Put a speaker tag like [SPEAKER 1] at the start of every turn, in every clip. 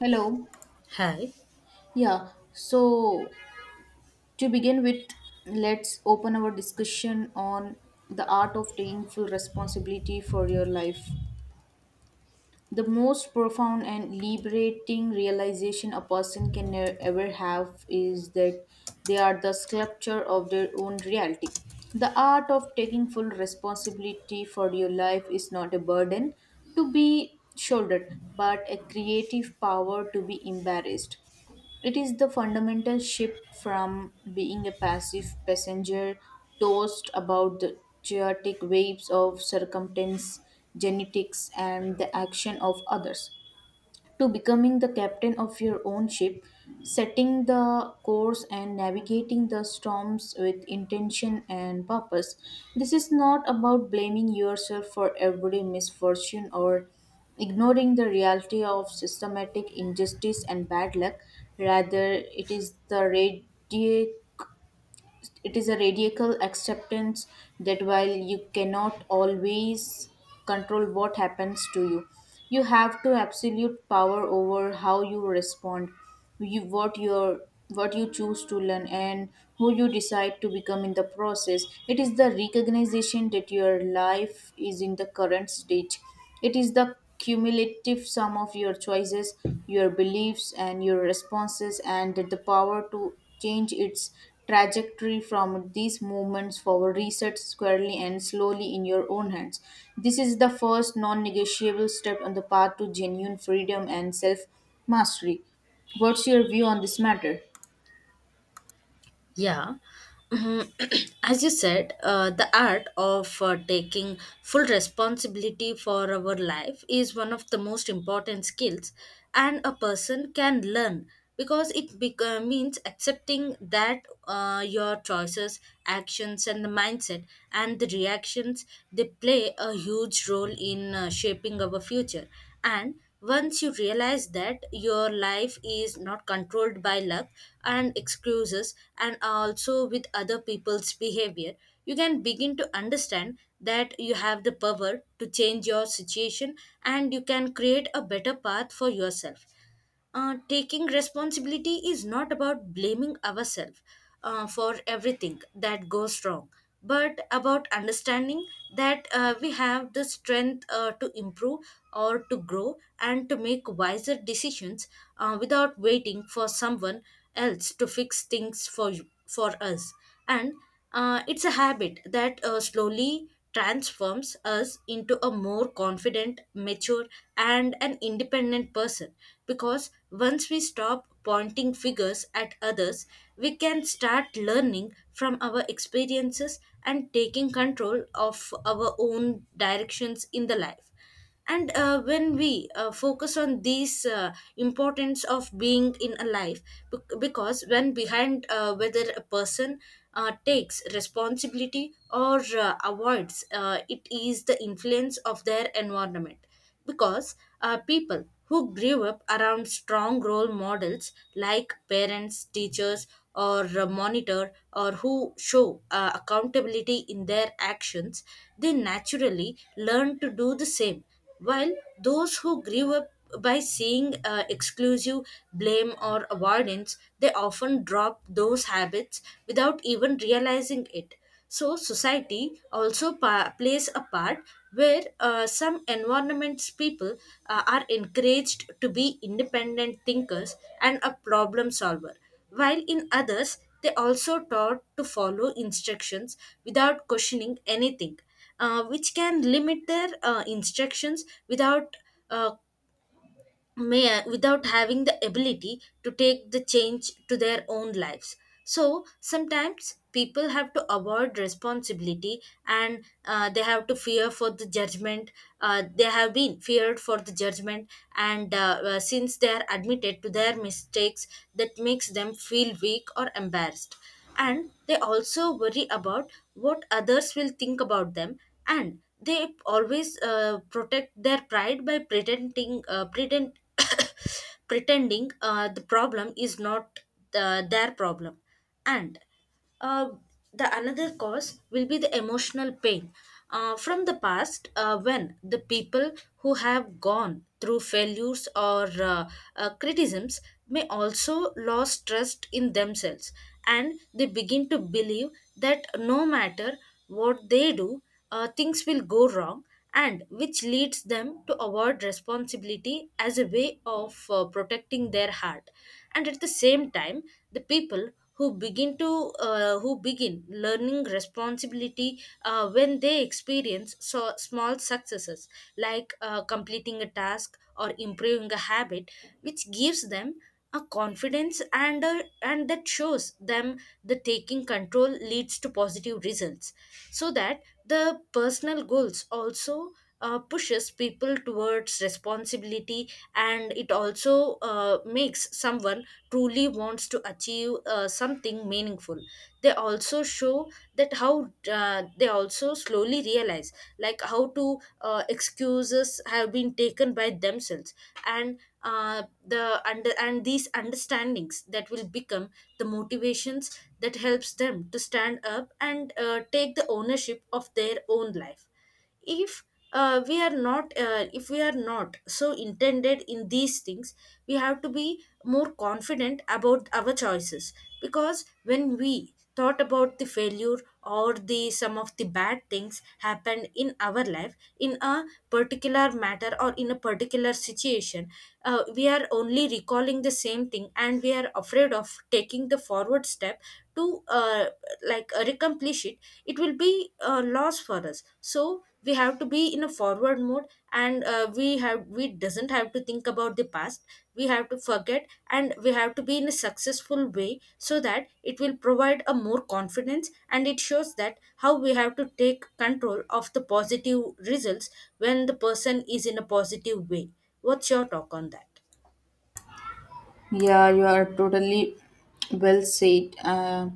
[SPEAKER 1] Hello.
[SPEAKER 2] Hi.
[SPEAKER 1] Yeah. So, to begin with, let's open our discussion on the art of taking full responsibility for your life. The most profound and liberating realization a person can ever have is that they are the sculpture of their own reality. The art of taking full responsibility for your life is not a burden to be shouldered, but a creative power to be embarrassed. It is the fundamental shift from being a passive passenger tossed about the chaotic waves of circumstance, genetics, and the action of others to becoming the captain of your own ship, setting the course and navigating the storms with intention and purpose. This is not about blaming yourself for every misfortune or ignoring the reality of systematic injustice and bad luck. Rather, it is a radical acceptance that while you cannot always control what happens to you, you have to absolute power over how you respond, you, what your what you choose to learn and who you decide to become in the process. It is the recognition that your life is in the current stage it is the cumulative sum of your choices, your beliefs, and your responses, and the power to change its trajectory from these moments forward reset squarely and slowly in your own hands. This is the first non negotiable step on the path to genuine freedom and self mastery. What's your view on this matter?
[SPEAKER 2] Yeah. Mhm. As you said, the art of taking full responsibility for our life is one of the most important skills, and a person can learn because it means accepting that your choices, actions, and the mindset and the reactions they play a huge role in shaping our future. And once you realize that your life is not controlled by luck and excuses and also with other people's behavior, you can begin to understand that you have the power to change your situation, and you can create a better path for yourself. Taking responsibility is not about blaming ourselves for everything that goes wrong, but about understanding that we have the strength to improve or to grow and to make wiser decisions without waiting for someone else to fix things for you, for us. And it's a habit that slowly transforms us into a more confident, mature, and an independent person. Because once we stop pointing figures at others, we can start learning from our experiences and taking control of our own directions in the life. And when we focus on these importance of being in a life because when behind whether a person takes responsibility or avoids, it is the influence of their environment. Because people who grew up around strong role models like parents, teachers, or a monitor, or who show accountability in their actions, they naturally learn to do the same. While those who grew up by seeing exclusive blame or avoidance, they often drop those habits without even realizing it. So, society also plays a part where some environments people are encouraged to be independent thinkers and a problem solver, while in others, they also taught to follow instructions without questioning anything, which can limit their instructions without uh, may without having the ability to take the change to their own lives. So sometimes people have to avoid responsibility, and they have to fear for the judgment, they have been feared for the judgment, and since they are admitted to their mistakes that makes them feel weak or embarrassed, and they also worry about what others will think about them, and they always protect their pride by pretending pretend pretending the problem is not their problem. And uh, the another cause will be the emotional pain from the past, when the people who have gone through failures or criticisms may also lose trust in themselves, and they begin to believe that no matter what they do, things will go wrong, and which leads them to avoid responsibility as a way of protecting their heart. And at the same time, the people who begin learning responsibility when they experience so small successes like completing a task or improving a habit, which gives them a confidence, and that shows them the taking control leads to positive results. So that the personal goals also pushes people towards responsibility, and it also makes someone truly wants to achieve something meaningful. They also show that how they also slowly realize like how to excuses have been taken by themselves, and the under and these understandings that will become the motivations that helps them to stand up and take the ownership of their own life. If we are not if we are not so intended in these things, we have to be more confident about our choices, because when we thought about the failure or the some of the bad things happened in our life in a particular matter or in a particular situation, we are only recalling the same thing and we are afraid of taking the forward step to like accomplish it, it will be a loss for us. So we have to be in a forward mode, and we doesn't have to think about the past, we have to forget and we have to be in a successful way so that it will provide a more confidence and it shows that how we have to take control of the positive results when the person is in a positive way. What's your talk on that?
[SPEAKER 1] Yeah, you are totally well said. Uh,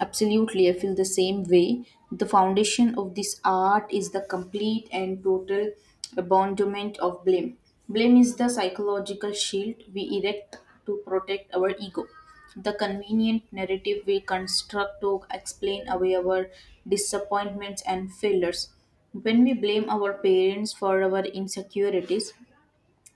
[SPEAKER 1] Absolutely, I feel the same way. The foundation of this art is the complete and total abandonment of blame. Blame is the psychological shield we erect to protect our ego. The convenient narrative we construct to explain away our disappointments and failures. When we blame our parents for our insecurities,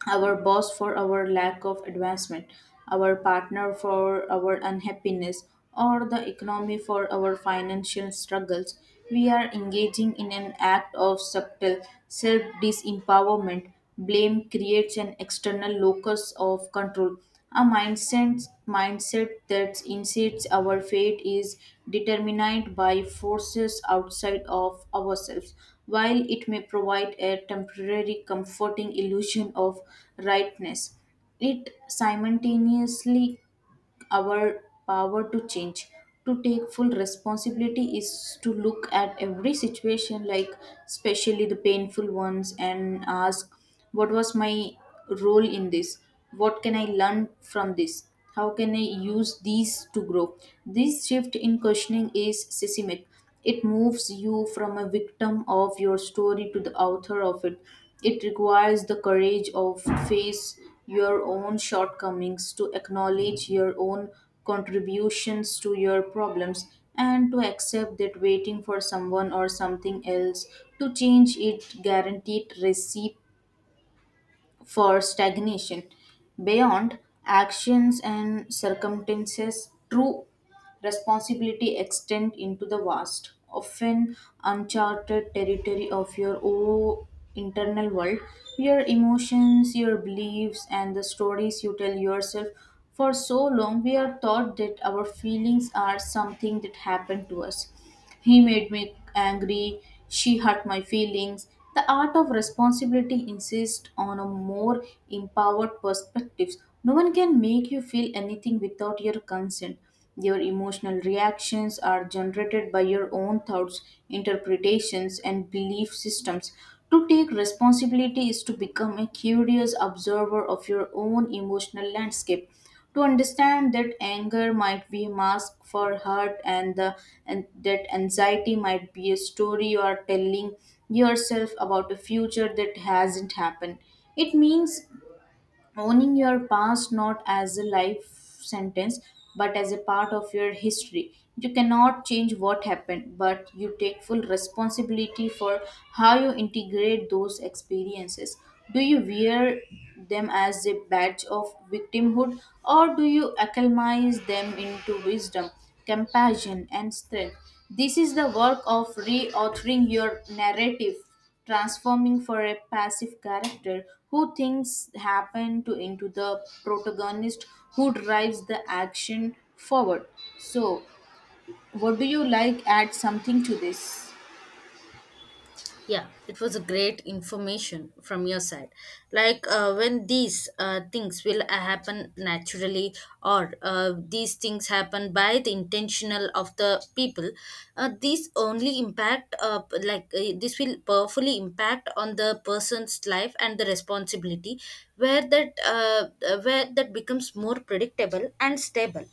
[SPEAKER 1] our boss for our lack of advancement, our partner for our unhappiness, or the economy for our financial struggles, we are engaging in an act of subtle self disempowerment. Blame creates an external locus of control a mindset that insists our fate is determined by forces outside of ourselves. While it may provide a temporary comforting illusion of rightness, it simultaneously our power to change. To take full responsibility is to look at every situation, like especially the painful ones, and ask what was my role in this? What can I learn from this? How can I use these to grow? This shift in questioning is systemic. It moves you from a victim of your story to the author of it. It requires the courage of face your own shortcomings, to acknowledge your own contributions to your problems, and to accept that waiting for someone or something else to change it guaranteed recipe for stagnation. Beyond actions and circumstances, true responsibility extends into the vast, often uncharted territory of your own internal world, your emotions, your beliefs, and the stories you tell yourself. For so long, we are taught that our feelings are something that happened to us he made me angry, she hurt my feelings. The art of responsibility insists on a more empowered perspective. No one can make you feel anything without your consent. Your emotional reactions are generated by your own thoughts, interpretations, and belief systems. To take responsibility is to become a curious observer of your own emotional landscape to understand that anger might be a mask for hurt and that anxiety might be a story you are telling yourself about a future that hasn't happened. It means owning your past not as a life sentence but as a part of your history. You cannot change what happened, but you take full responsibility for how you integrate those experiences. Do you wear them as a badge of victimhood, or do you acclimatize them into wisdom, compassion, and strength? This is the work of reauthoring your narrative, transforming for a passive character who things happen to into the protagonist who drives the action forward. So, what do you like add something to this?
[SPEAKER 2] Yeah, it was a great information from your side. Like when these things will happen naturally, or these things happen by the intentional of the people, these only impact like this will powerfully impact on the person's life and the responsibility, where that becomes more predictable and stable,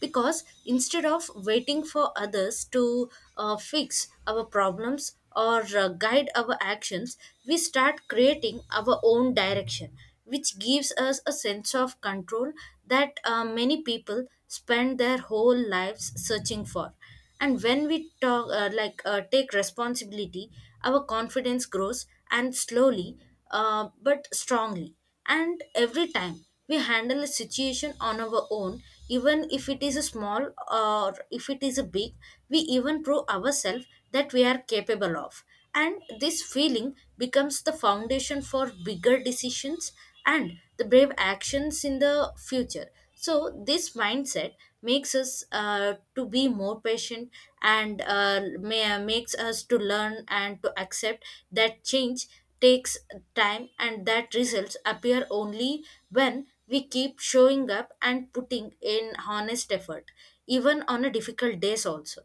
[SPEAKER 2] because instead of waiting for others to fix our problems or guide our actions, we start creating our own direction, which gives us a sense of control that many people spend their whole lives searching for. And when we talk like take responsibility, our confidence grows and slowly but strongly, and every time we handle a situation on our own, even if it is a small or if it is a big, we even prove ourselves that we are capable of. And this feeling becomes the foundation for bigger decisions and the brave actions in the future. So this mindset makes us to be more patient, and makes us to learn and to accept that change takes time and that results appear only when we keep showing up and putting in honest effort, even on a difficult days also.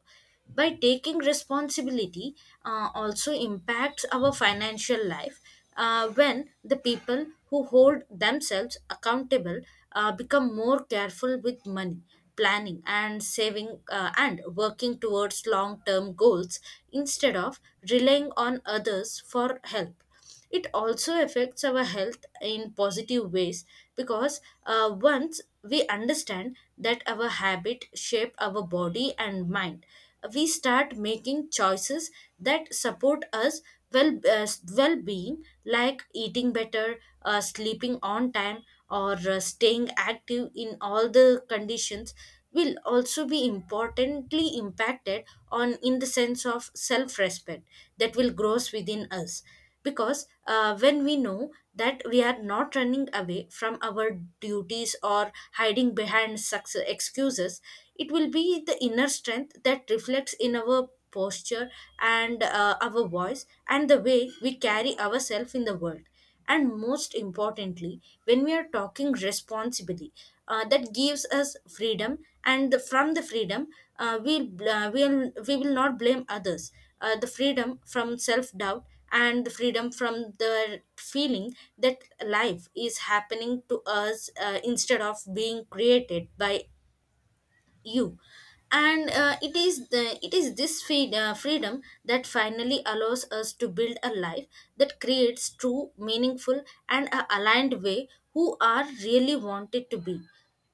[SPEAKER 2] By taking responsibility, also impacts our financial life. When the people who hold themselves accountable become more careful with money, planning and saving and working towards long term goals instead of relying on others for help. It also affects our health in positive ways, because once we understand that our habit shape our body and mind, we start making choices that support us well, well being like eating better, sleeping on time, or staying active in all the conditions, will also be importantly impacted on in the sense of self respect that will grows within us. Because when we know that we are not running away from our duties or hiding behind success excuses, it will be the inner strength that reflects in our posture and our voice and the way we carry ourselves in the world. And most importantly, when we are talking responsibly, that gives us freedom, and from the freedom, uh, we we will not blame others. The freedom from self doubt and the freedom from the feeling that life is happening to us instead of being created by you. And it is this freedom that finally allows us to build a life that creates true meaningful and a aligned way who are really wanted to be.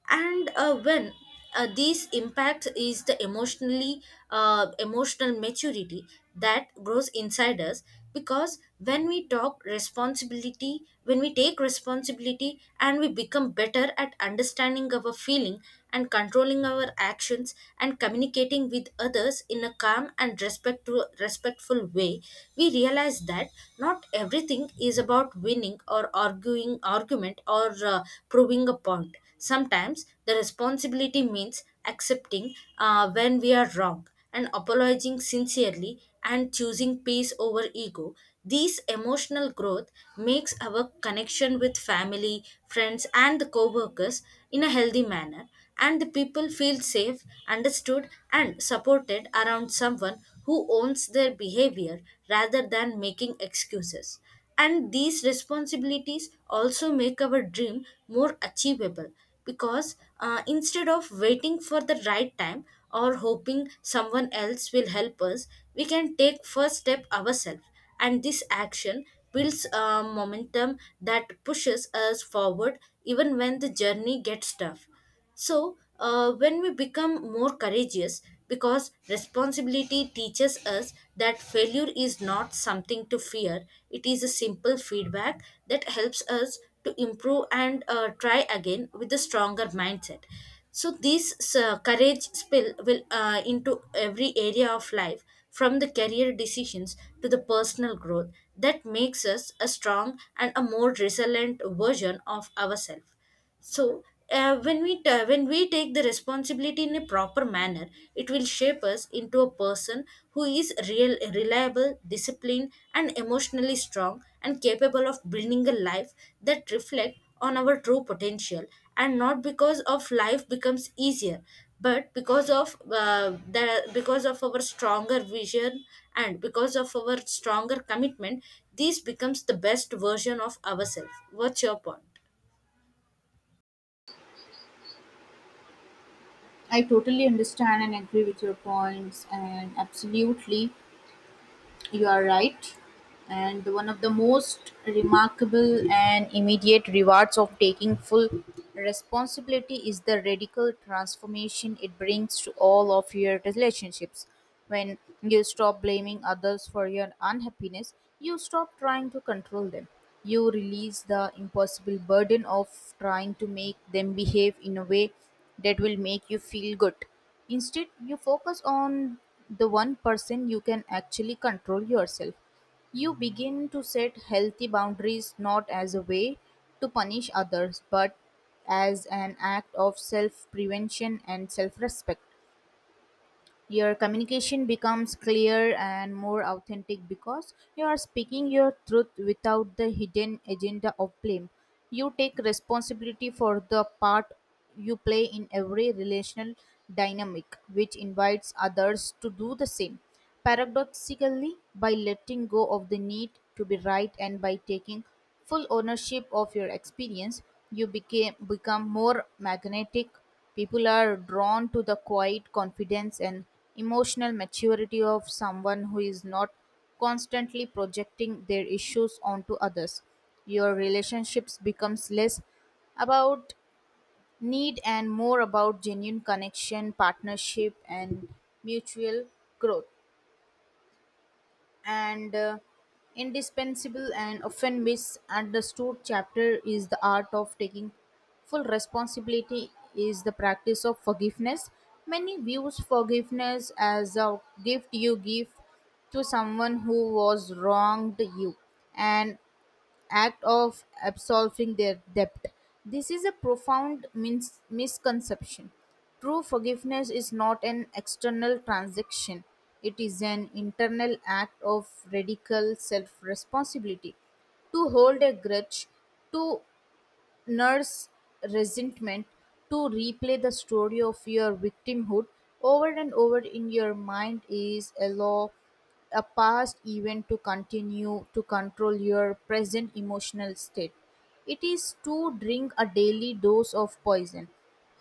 [SPEAKER 2] And when these impact is the emotionally emotional maturity that grows inside us, because when we take responsibility and we become better at understanding our feeling and controlling our actions and communicating with others in a calm and respectful way, we realize that not everything is about winning or arguing argument or proving a point. Sometimes the responsibility means accepting when we are wrong and apologizing sincerely and choosing peace over ego. This emotional growth makes our connection with family, friends, and the co-workers in a healthy manner, and the people feel safe, understood, and supported around someone who owns their behavior rather than making excuses. And these responsibilities also make our dream more achievable, because instead of waiting for the right time or hoping someone else will help us, we can take first step ourselves. And this action builds a momentum that pushes us forward even when the journey gets tough. So, when we become more courageous, because responsibility teaches us that failure is not something to fear, it is a simple feedback that helps us to improve and try again with a stronger mindset. So, this courage spill will into every area of life, from the career decisions to the personal growth, that makes us a strong and a more resilient version of ourselves. So, when we take the responsibility in a proper manner, it will shape us into a person who is real, reliable, disciplined, and emotionally strong, and capable of building a life that reflect on our true potential. And not because of life becomes easier, but because of our stronger vision and because of our stronger commitment, this becomes the best version of ourselves. What's your point?
[SPEAKER 1] I totally understand and agree with your points, and absolutely you are right. And one of the most remarkable and immediate rewards of taking full responsibility is the radical transformation it brings to all of your relationships. When you stop blaming others for your unhappiness, you stop trying to control them. You release the impossible burden of trying to make them behave in a way that will make you feel good. Instead, you focus on the one person you can actually control yourself. You begin to set healthy boundaries not as a way to punish others, but as an act of self prevention and self respect. Your communication becomes clear and more authentic because you are speaking your truth without the hidden agenda of blame. You take responsibility for the part you play in every relational dynamic, which invites others to do the same. Paradoxically, by letting go of the need to be right and by taking full ownership of your experience, become more magnetic. People are drawn to the quiet confidence and emotional maturity of someone who is not constantly projecting their issues onto others. Your relationships becomes less about need and more about genuine connection, partnership, and mutual growth. And Indispensable and often misunderstood chapter is the art of taking full responsibility is the practice of forgiveness. Many views forgiveness as a gift you give to someone who was wronged you and act of absolving their debt. This is a profound misconception. True forgiveness is not an external transaction, it is an internal act of radical self responsibility. To hold a grudge, to nurse resentment, to replay the story of your victimhood over and over in your mind is allow a past event to continue to control your present emotional state. It is to drink a daily dose of poison,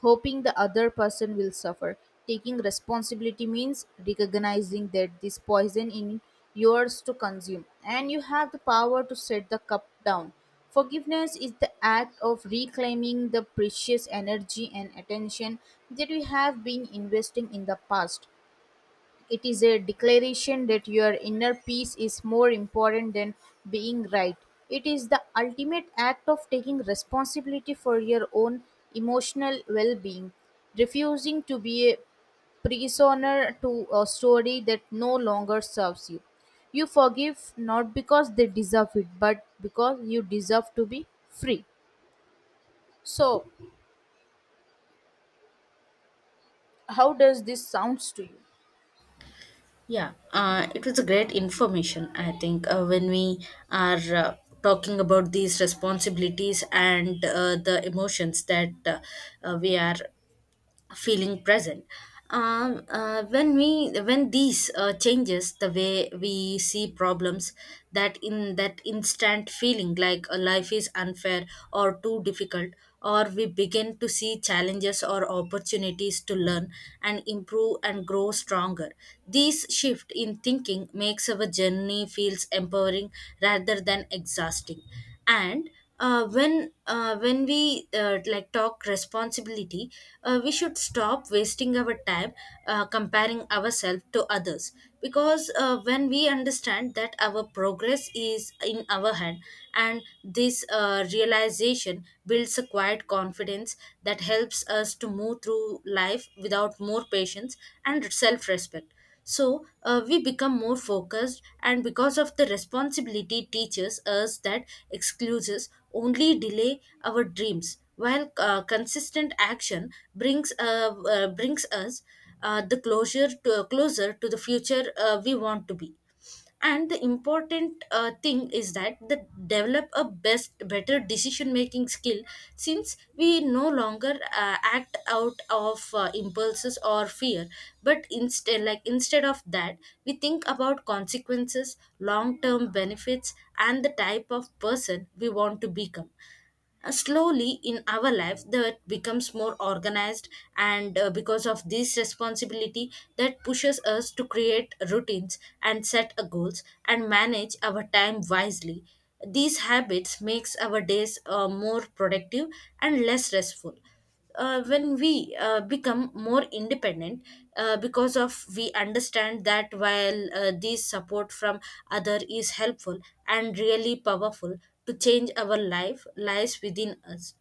[SPEAKER 1] hoping the other person will suffer. Taking responsibility means recognizing that this poison is yours to consume, and you have the power to set the cup down. Forgiveness is the act of reclaiming the precious energy and attention that you have been investing in the past. It is a declaration that your inner peace is more important than being right. It is the ultimate act of taking responsibility for your own emotional well being. Refusing to be prisoner to a story that no longer serves you. You forgive not because they deserve it, but because you deserve to be free. So, how does this sounds to you?
[SPEAKER 2] Yeah, it was a great information. I think when we are talking about these responsibilities and the emotions that we are feeling present when we when these changes the way we see problems, that in that instant feeling like a life is unfair or too difficult, or we begin to see challenges or opportunities to learn and improve and grow stronger. This shift in thinking makes our journey feels empowering rather than exhausting. And when we like talk responsibility, we should stop wasting our time comparing ourselves to others, because when we understand that our progress is in our hand, and this realization builds a quiet confidence that helps us to move through life without more patience and self respect. So we become more focused, and because of the responsibility, teaches us that excuses only delay our dreams, while consistent action brings brings us the closer to the future we want to be. And the important thing is that the develop a best better decision making skill, since we no longer act out of impulses or fear, but instead of that, we think about consequences, long term benefits, and the type of person we want to become. Uh, slowly in our life that becomes more organized, and because of this responsibility that pushes us to create routines and set goals and manage our time wisely. These habits makes our days more productive and less stressful. Uh, when we uh, become more independent, because of we understand that while this support from other is helpful and really powerful, to change our life lies within us.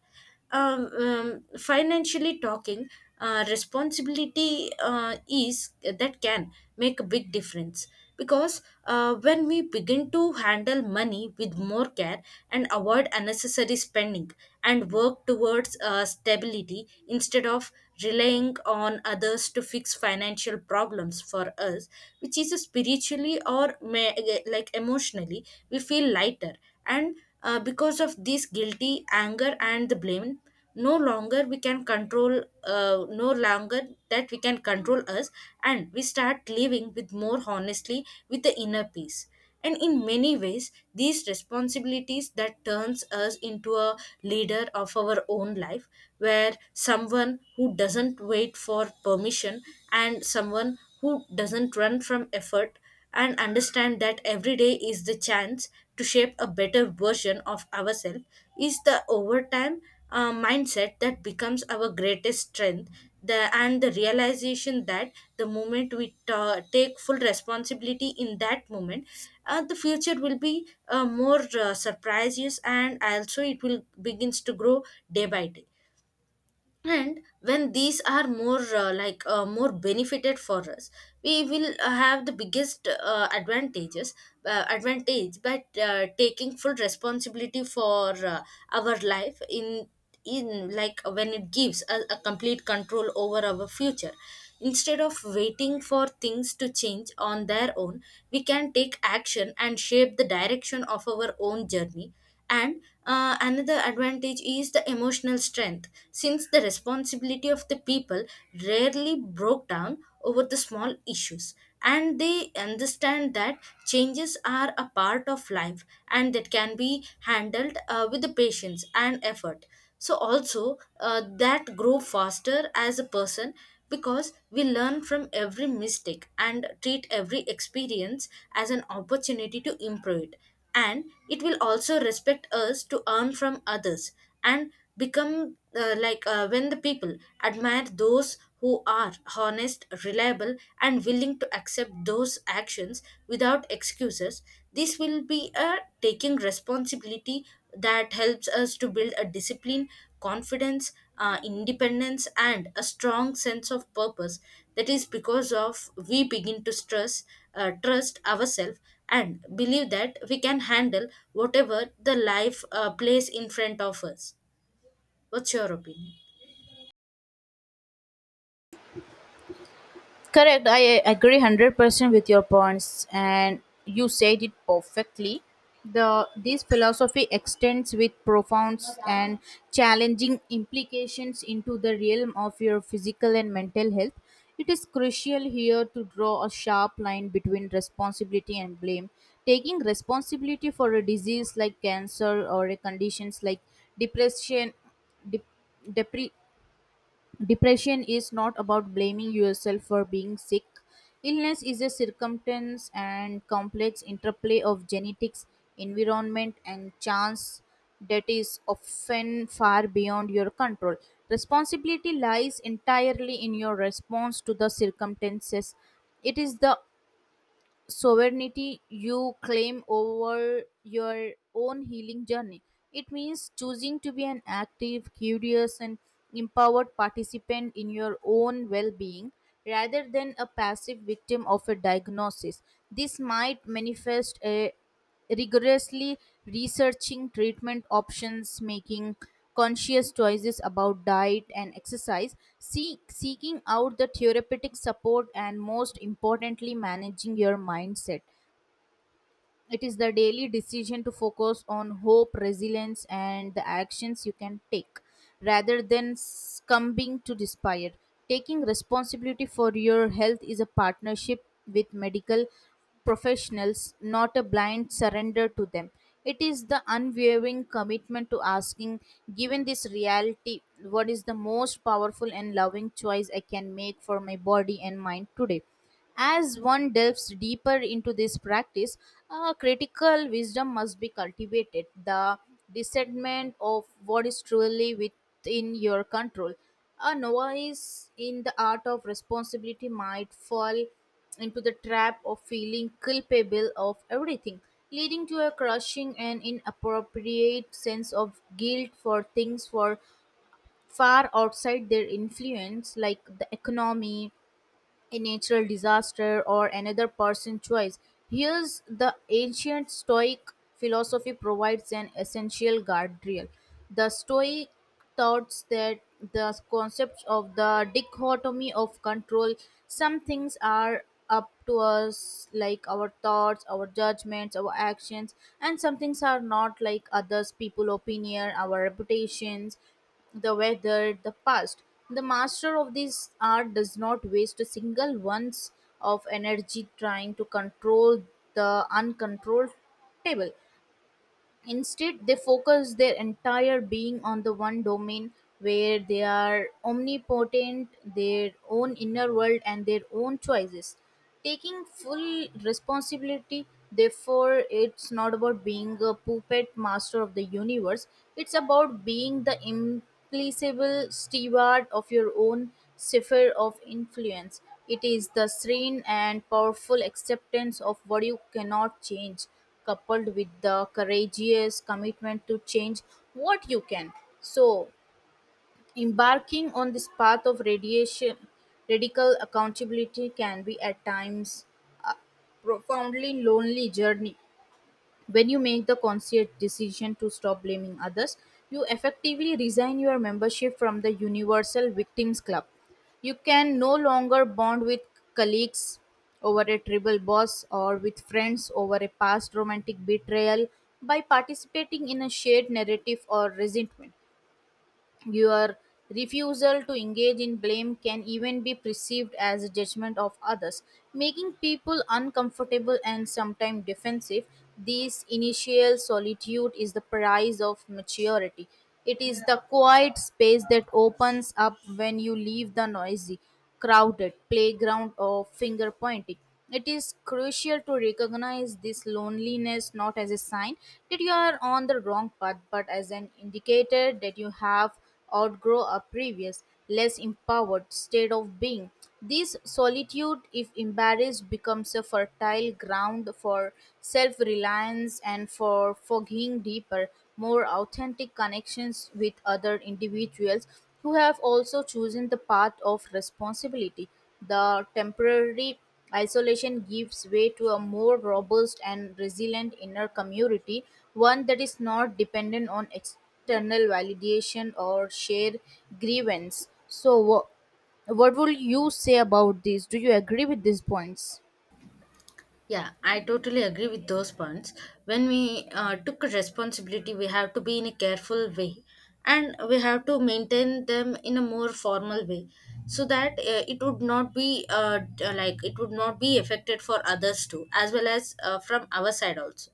[SPEAKER 2] Um, financially talking, responsibility is that can make a big difference, because when we begin to handle money with more care and avoid unnecessary spending, and work towards stability instead of relying on others to fix financial problems for us, which is spiritually or may, like emotionally, we feel lighter. And because of this guilty anger and the blame, no longer we can control no longer that we can control us, and we start living with more honestly with the inner peace. And in many ways these responsibilities that turns us into a leader of our own life, where someone who doesn't wait for permission, and someone who doesn't run from effort, and understand that every day is the chance to shape a better version of ourselves. Is the overtime mindset that becomes our greatest strength. And the realization that the moment take full responsibility, in that moment the future will be more surprises, and also it will begins to grow day by day. And when these are more more benefited for us, we will have the biggest advantage by taking full responsibility for our life, in like, when it gives us a complete control over our future. Instead of waiting for things to change on their own, we can take action and shape the direction of our own journey. And another advantage is the emotional strength, since the responsibility of the people rarely broke down over the small issues. And they understand that changes are a part of life, and that can be handled with the patience and effort. So, also, that grow faster as a person, because we learn from every mistake and treat every experience as an opportunity to improve it. And it will also respect us to earn from others, and become when the people admire those who are honest, reliable, and willing to accept those actions without excuses. This will be a taking responsibility that helps us to build a discipline, confidence, independence, and a strong sense of purpose. That is because of we begin to stress trust ourselves and believe that we can handle whatever the life plays in front of us. What's your opinion?
[SPEAKER 1] Correct. I agree 100% with your points, and you said it perfectly. The this philosophy extends with profound and challenging implications into the realm of your physical and mental health. It is crucial here to draw a sharp line between responsibility and blame. Taking responsibility for a disease like cancer or a conditions like depression, dep- depre- depression is not about blaming yourself for being sick. Illness is a circumstance and complex interplay of genetics, environment, and chance that is often far beyond your control. Responsibility lies entirely in your response to the circumstances. It is the sovereignty you claim over your own healing journey. It means choosing to be an active, curious, and empowered participant in your own well being rather than a passive victim of a diagnosis. This might manifest a rigorously researching treatment options, making conscious choices about diet and exercise, seeking out the therapeutic support, and most importantly, managing your mindset. It is the daily decision to focus on hope, resilience, and the actions you can take rather than succumbing to despair. Taking responsibility for your health is a partnership with medical professionals, not a blind surrender to them. It is the unwavering commitment to asking, given this reality, what is the most powerful and loving choice I can make for my body and mind today? As one delves deeper into this practice, critical wisdom must be cultivated, the discernment of what is truly within your control. A novice in the art of responsibility might fall into the trap of feeling culpable of everything, leading to a crushing and inappropriate sense of guilt for things for far outside their influence, like the economy, a natural disaster, or another person's choice. Here's the ancient Stoic philosophy provides an essential guardrail. The Stoic thoughts that The concept of the dichotomy of control, some things are up to us, like our thoughts, our judgments, our actions, and some things are not, like others, people opinion, our reputations, the weather, the past. The master of this art does not waste a single ounce of energy trying to control the uncontrollable. Instead, they focus their entire being on the one domain where they are omnipotent, their own inner world, and their own choices. Taking full responsibility, therefore, it's not about being a puppet master of the universe, it's about being the implacable steward of your own sphere of influence. It is the serene and powerful acceptance of what you cannot change coupled with the courageous commitment to change what you can. So, embarking on this path of radical accountability can be at times a profoundly lonely journey. When you make the conscious decision to stop blaming others, you effectively resign your membership from the Universal Victims Club. You can no longer bond with colleagues over a tribal boss or with friends over a past romantic betrayal by participating in a shared narrative or resentment. Your refusal to engage in blame can even be perceived as a judgment of others, making people uncomfortable and sometimes defensive. This initial solitude is the price of maturity. It is the quiet space that opens up when you leave the noisy, crowded playground of finger pointing. It is crucial to recognize this loneliness not as a sign that you are on the wrong path, but as an indicator that you have outgrown a previous, less empowered state of being. This solitude, if embarrassed, becomes a fertile ground for self reliance and for forging deeper, more authentic connections with other individuals who have also chosen the path of responsibility. The temporary Isolation gives way to a more robust and resilient inner community, one that is not dependent on external validation or shared grievance. So, what would you say about this? Do you agree with these points?
[SPEAKER 2] Yeah, I totally agree with those points. When we took a responsibility, we have to be in a careful way, and we have to maintain them in a more formal way, so that it would not be like it would not be affected for others too, as well as from our side also.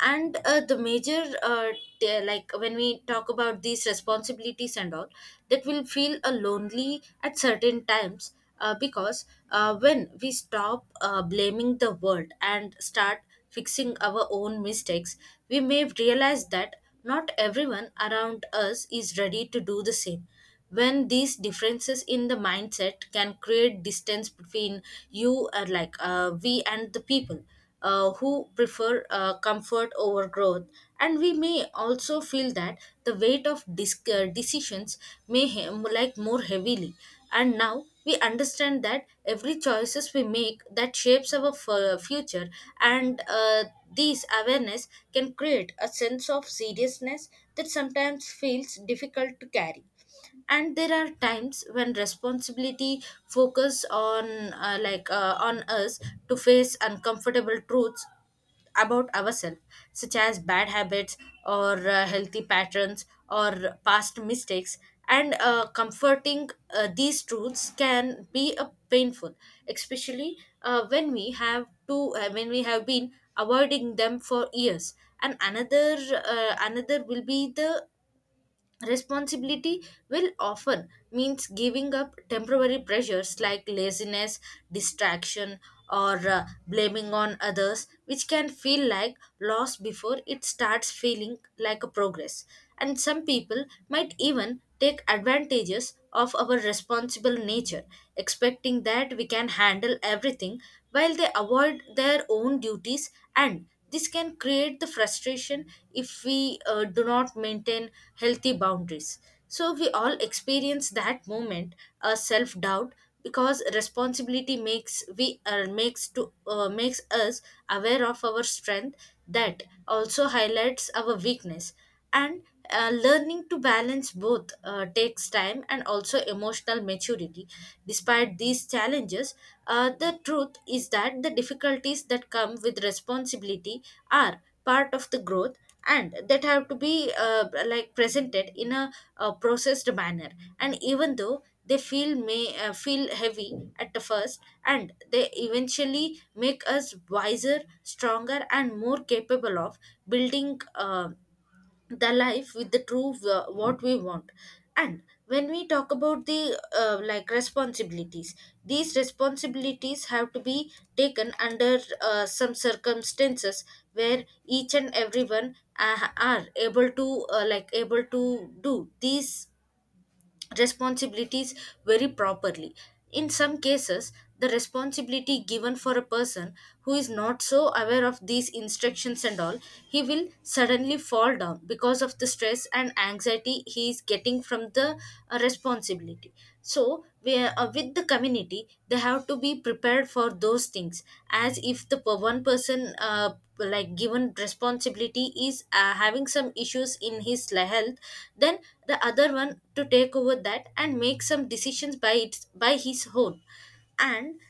[SPEAKER 2] And the major like when we talk about these responsibilities and all, that will feel lonely at certain times, because when we stop blaming the world and start fixing our own mistakes, we may realize that not everyone around us is ready to do the same. When these differences in the mindset can create distance between you, or like we, and the people who prefer comfort over growth. And we may also feel that the weight of decisions like more heavily, and now we understand that every choices we make that shapes our future. And this awareness can create a sense of seriousness that sometimes feels difficult to carry. And there are times when responsibility focus on on us, to face uncomfortable truths about ourselves, such as bad habits, or healthy patterns, or past mistakes. And comforting these truths can be a painful, especially when we have been avoiding them for years. And another another will be the responsibility will often means giving up temporary pressures like laziness, distraction, or blaming on others, which can feel like loss before it starts feeling like a progress. And some people might even take advantages of our responsible nature, expecting that we can handle everything while they avoid their own duties, and this can create the frustration if we do not maintain healthy boundaries. So we all experience that moment, a self doubt, because responsibility makes we makes to makes us aware of our strength. That also highlights our weakness. And learning to balance both takes time and also emotional maturity. Despite these challenges, the truth is that the difficulties that come with responsibility are part of the growth, and that have to be like presented in a, uh, processed manner. And even though they feel may feel heavy at the first, and they eventually make us wiser, stronger, and more capable of building the life with the true what we want. And when we talk about the like responsibilities, these responsibilities have to be taken under some circumstances where each and everyone are able to like able to do these responsibilities very properly. In some cases, the responsibility given for a person who is not so aware of these instructions and all, he will suddenly fall down because of the stress and anxiety he is getting from the responsibility. So, we, with the community, they have to be prepared for those things. As if one person like given responsibility is having some issues in his health, then the other one to take over that and make some decisions by his own. And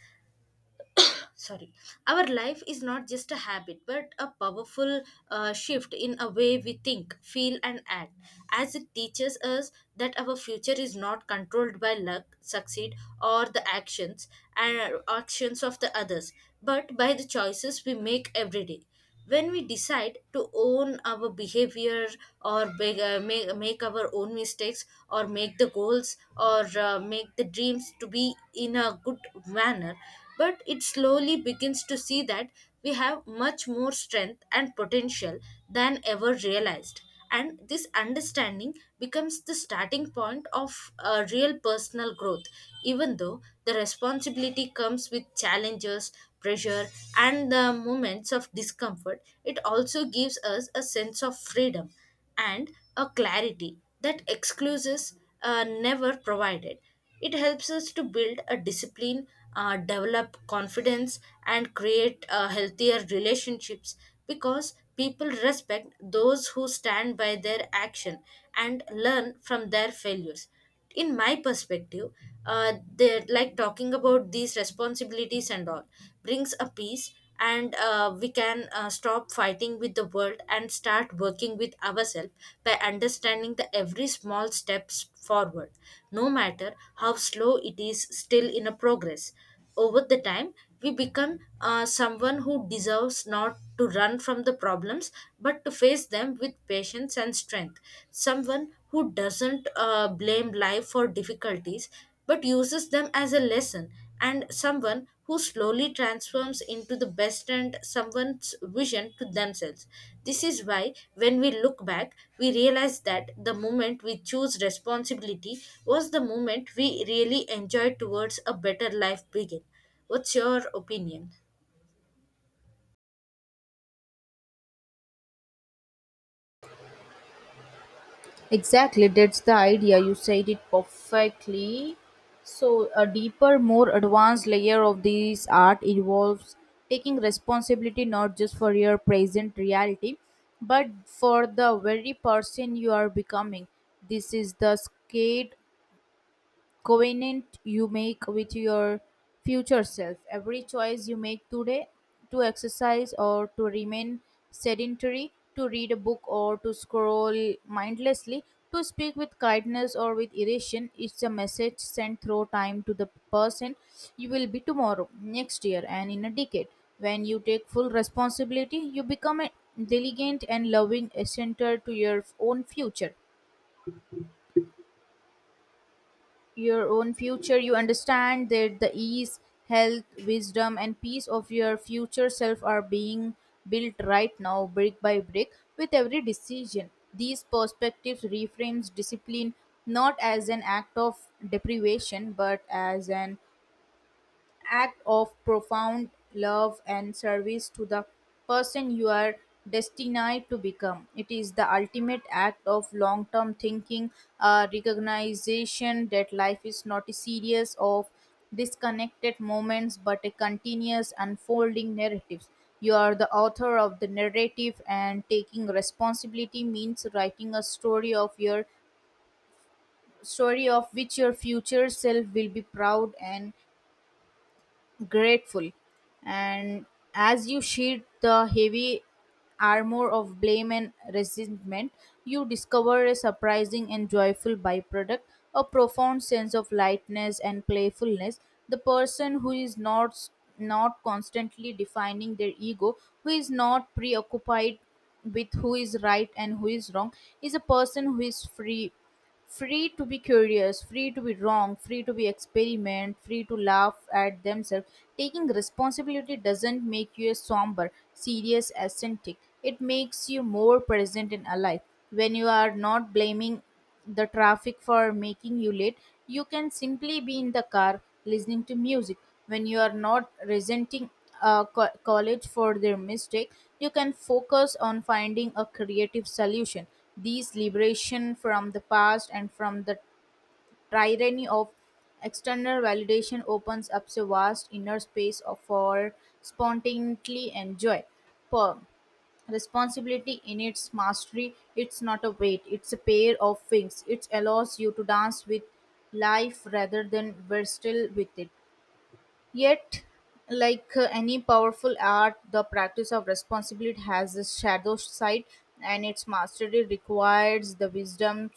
[SPEAKER 2] sorry, our life is not just a habit but a powerful shift in a way we think, feel, and act, as it teaches us that our future is not controlled by luck, succeed, or the actions of the others, but by the choices we make every day. When we decide to own our behavior, or make our own mistakes, or make the goals, or make the dreams to be in a good manner. But it slowly begins to see that we have much more strength and potential than ever realized, and this understanding becomes the starting point of a real personal growth. Even though the responsibility comes with challenges, pressure, and the moments of discomfort, it also gives us a sense of freedom and a clarity that exclusives never provided. It helps us to build a discipline, develop confidence, and create healthier relationships, because people respect those who stand by their action and learn from their failures. In my perspective, they're like talking about these responsibilities and all brings a peace, and we can stop fighting with the world and start working with ourselves by understanding the every small steps forward, no matter how slow it is, still in a progress. Over the time, we become someone who deserves not to run from the problems, but to face them with patience and strength. Someone who doesn't blame life for difficulties, but uses them as a lesson, and someone who slowly transforms into the best and someone's vision to themselves. This is why, when we look back, we realize that the moment we choose responsibility was the moment we really enjoyed towards a better life begin. What's your opinion?
[SPEAKER 1] Exactly, that's the idea. You said it perfectly. So, a deeper, more advanced layer of this art involves taking responsibility not just for your present reality, but for the very person you are becoming. This is the skate covenant you make with your future self. Every choice you make today to exercise or to remain sedentary, to read a book or to scroll mindlessly, to speak with kindness or with irritation is a message sent through time to the person you will be tomorrow, next year, and in a decade. When you take full responsibility, you become a diligent and loving center to your own future. You understand that the ease, health, wisdom, and peace of your future self are being built right now, brick by brick, with every decision. These perspectives reframes discipline not as an act of deprivation, but as an act of profound love and service to the person you are destined to become. It is the ultimate act of long term thinking, a recognition that life is not a series of disconnected moments but a continuous unfolding narrative. You are the author of the narrative, and taking responsibility means writing a story of which your future self will be proud and grateful. And as you shed the heavy armor of blame and resentment, you discover a surprising and joyful byproduct, a profound sense of lightness and playfulness. The person who is not constantly defining their ego, who is not preoccupied with who is right and who is wrong, is a person who is free to be curious, free to be wrong, free to be experiment, free to laugh at themselves. Taking responsibility doesn't make you a somber, serious ascetic. It makes you more present and alive. When you are not blaming the traffic for making you late, you can simply be in the car listening to music. When you are not resenting a college for their mistake, you can focus on finding a creative solution these liberation from the past and from the tyranny of external validation opens up a vast inner space for spontaneity and joy. Per responsibility in its mastery, it's not a weight, it's a pair of wings. It allows you to dance with life rather than wrestle with it. Yet, like any powerful art, the practice of responsibility has a shadow side, and its mastery requires the wisdom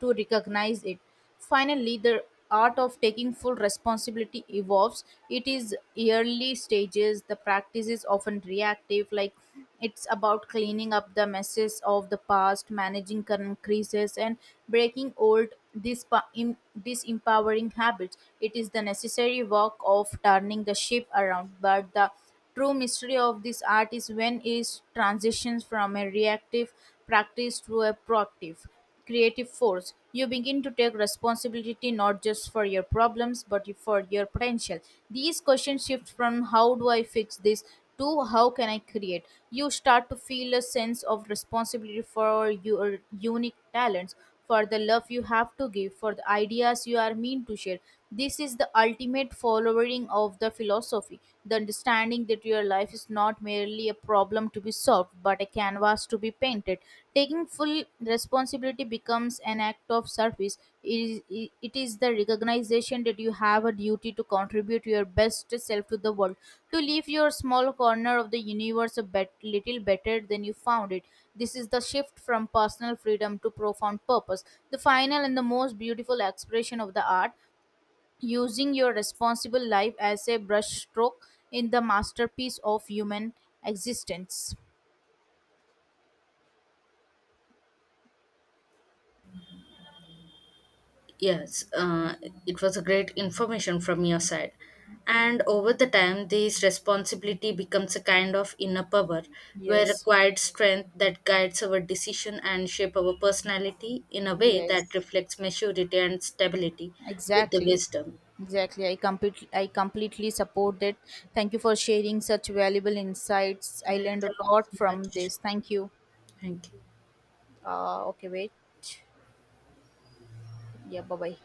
[SPEAKER 1] to recognize it. Finally, the art of taking full responsibility evolves. It is early stages, the practice is often reactive, like it's about cleaning up the messes of the past, managing current crises, and breaking old disempowering habits. It is the necessary work of turning the ship around, but the true mystery of this art is when it transitions from a reactive practice to a proactive creative force. You begin to take responsibility not just for your problems but for your potential. These questions shift from how do I fix this to how can I create. You start to feel a sense of responsibility for your unique talents, for the love you have to give, for the ideas you are meant to share. This is the ultimate following of the philosophy, the understanding that your life is not merely a problem to be solved, but a canvas to be painted. Taking full responsibility becomes an act of service. It is it is the recognition that you have a duty to contribute your best self to the world, to leave your small corner of the universe a little better than you found it. This is the shift from personal freedom to profound purpose, the final and the most beautiful expression of the art, using your responsible life as a brushstroke in the masterpiece of human existence.
[SPEAKER 2] Yes, it was a great information from your side. And over the time, this responsibility becomes a kind of inner power, where a
[SPEAKER 1] Yes.
[SPEAKER 2] quiet strength that guides our decision and shape our personality in a way that
[SPEAKER 1] Yes.
[SPEAKER 2] reflects maturity and stability with the
[SPEAKER 1] Exactly.
[SPEAKER 2] wisdom.
[SPEAKER 1] Exactly. I completely support it. Thank you for sharing such valuable insights. I
[SPEAKER 2] Yeah,
[SPEAKER 1] learned a
[SPEAKER 2] thank
[SPEAKER 1] lot
[SPEAKER 2] you so
[SPEAKER 1] from
[SPEAKER 2] much.
[SPEAKER 1] this. Thank you.
[SPEAKER 2] Thank you.
[SPEAKER 1] Okay, wait. Yeah, bye bye.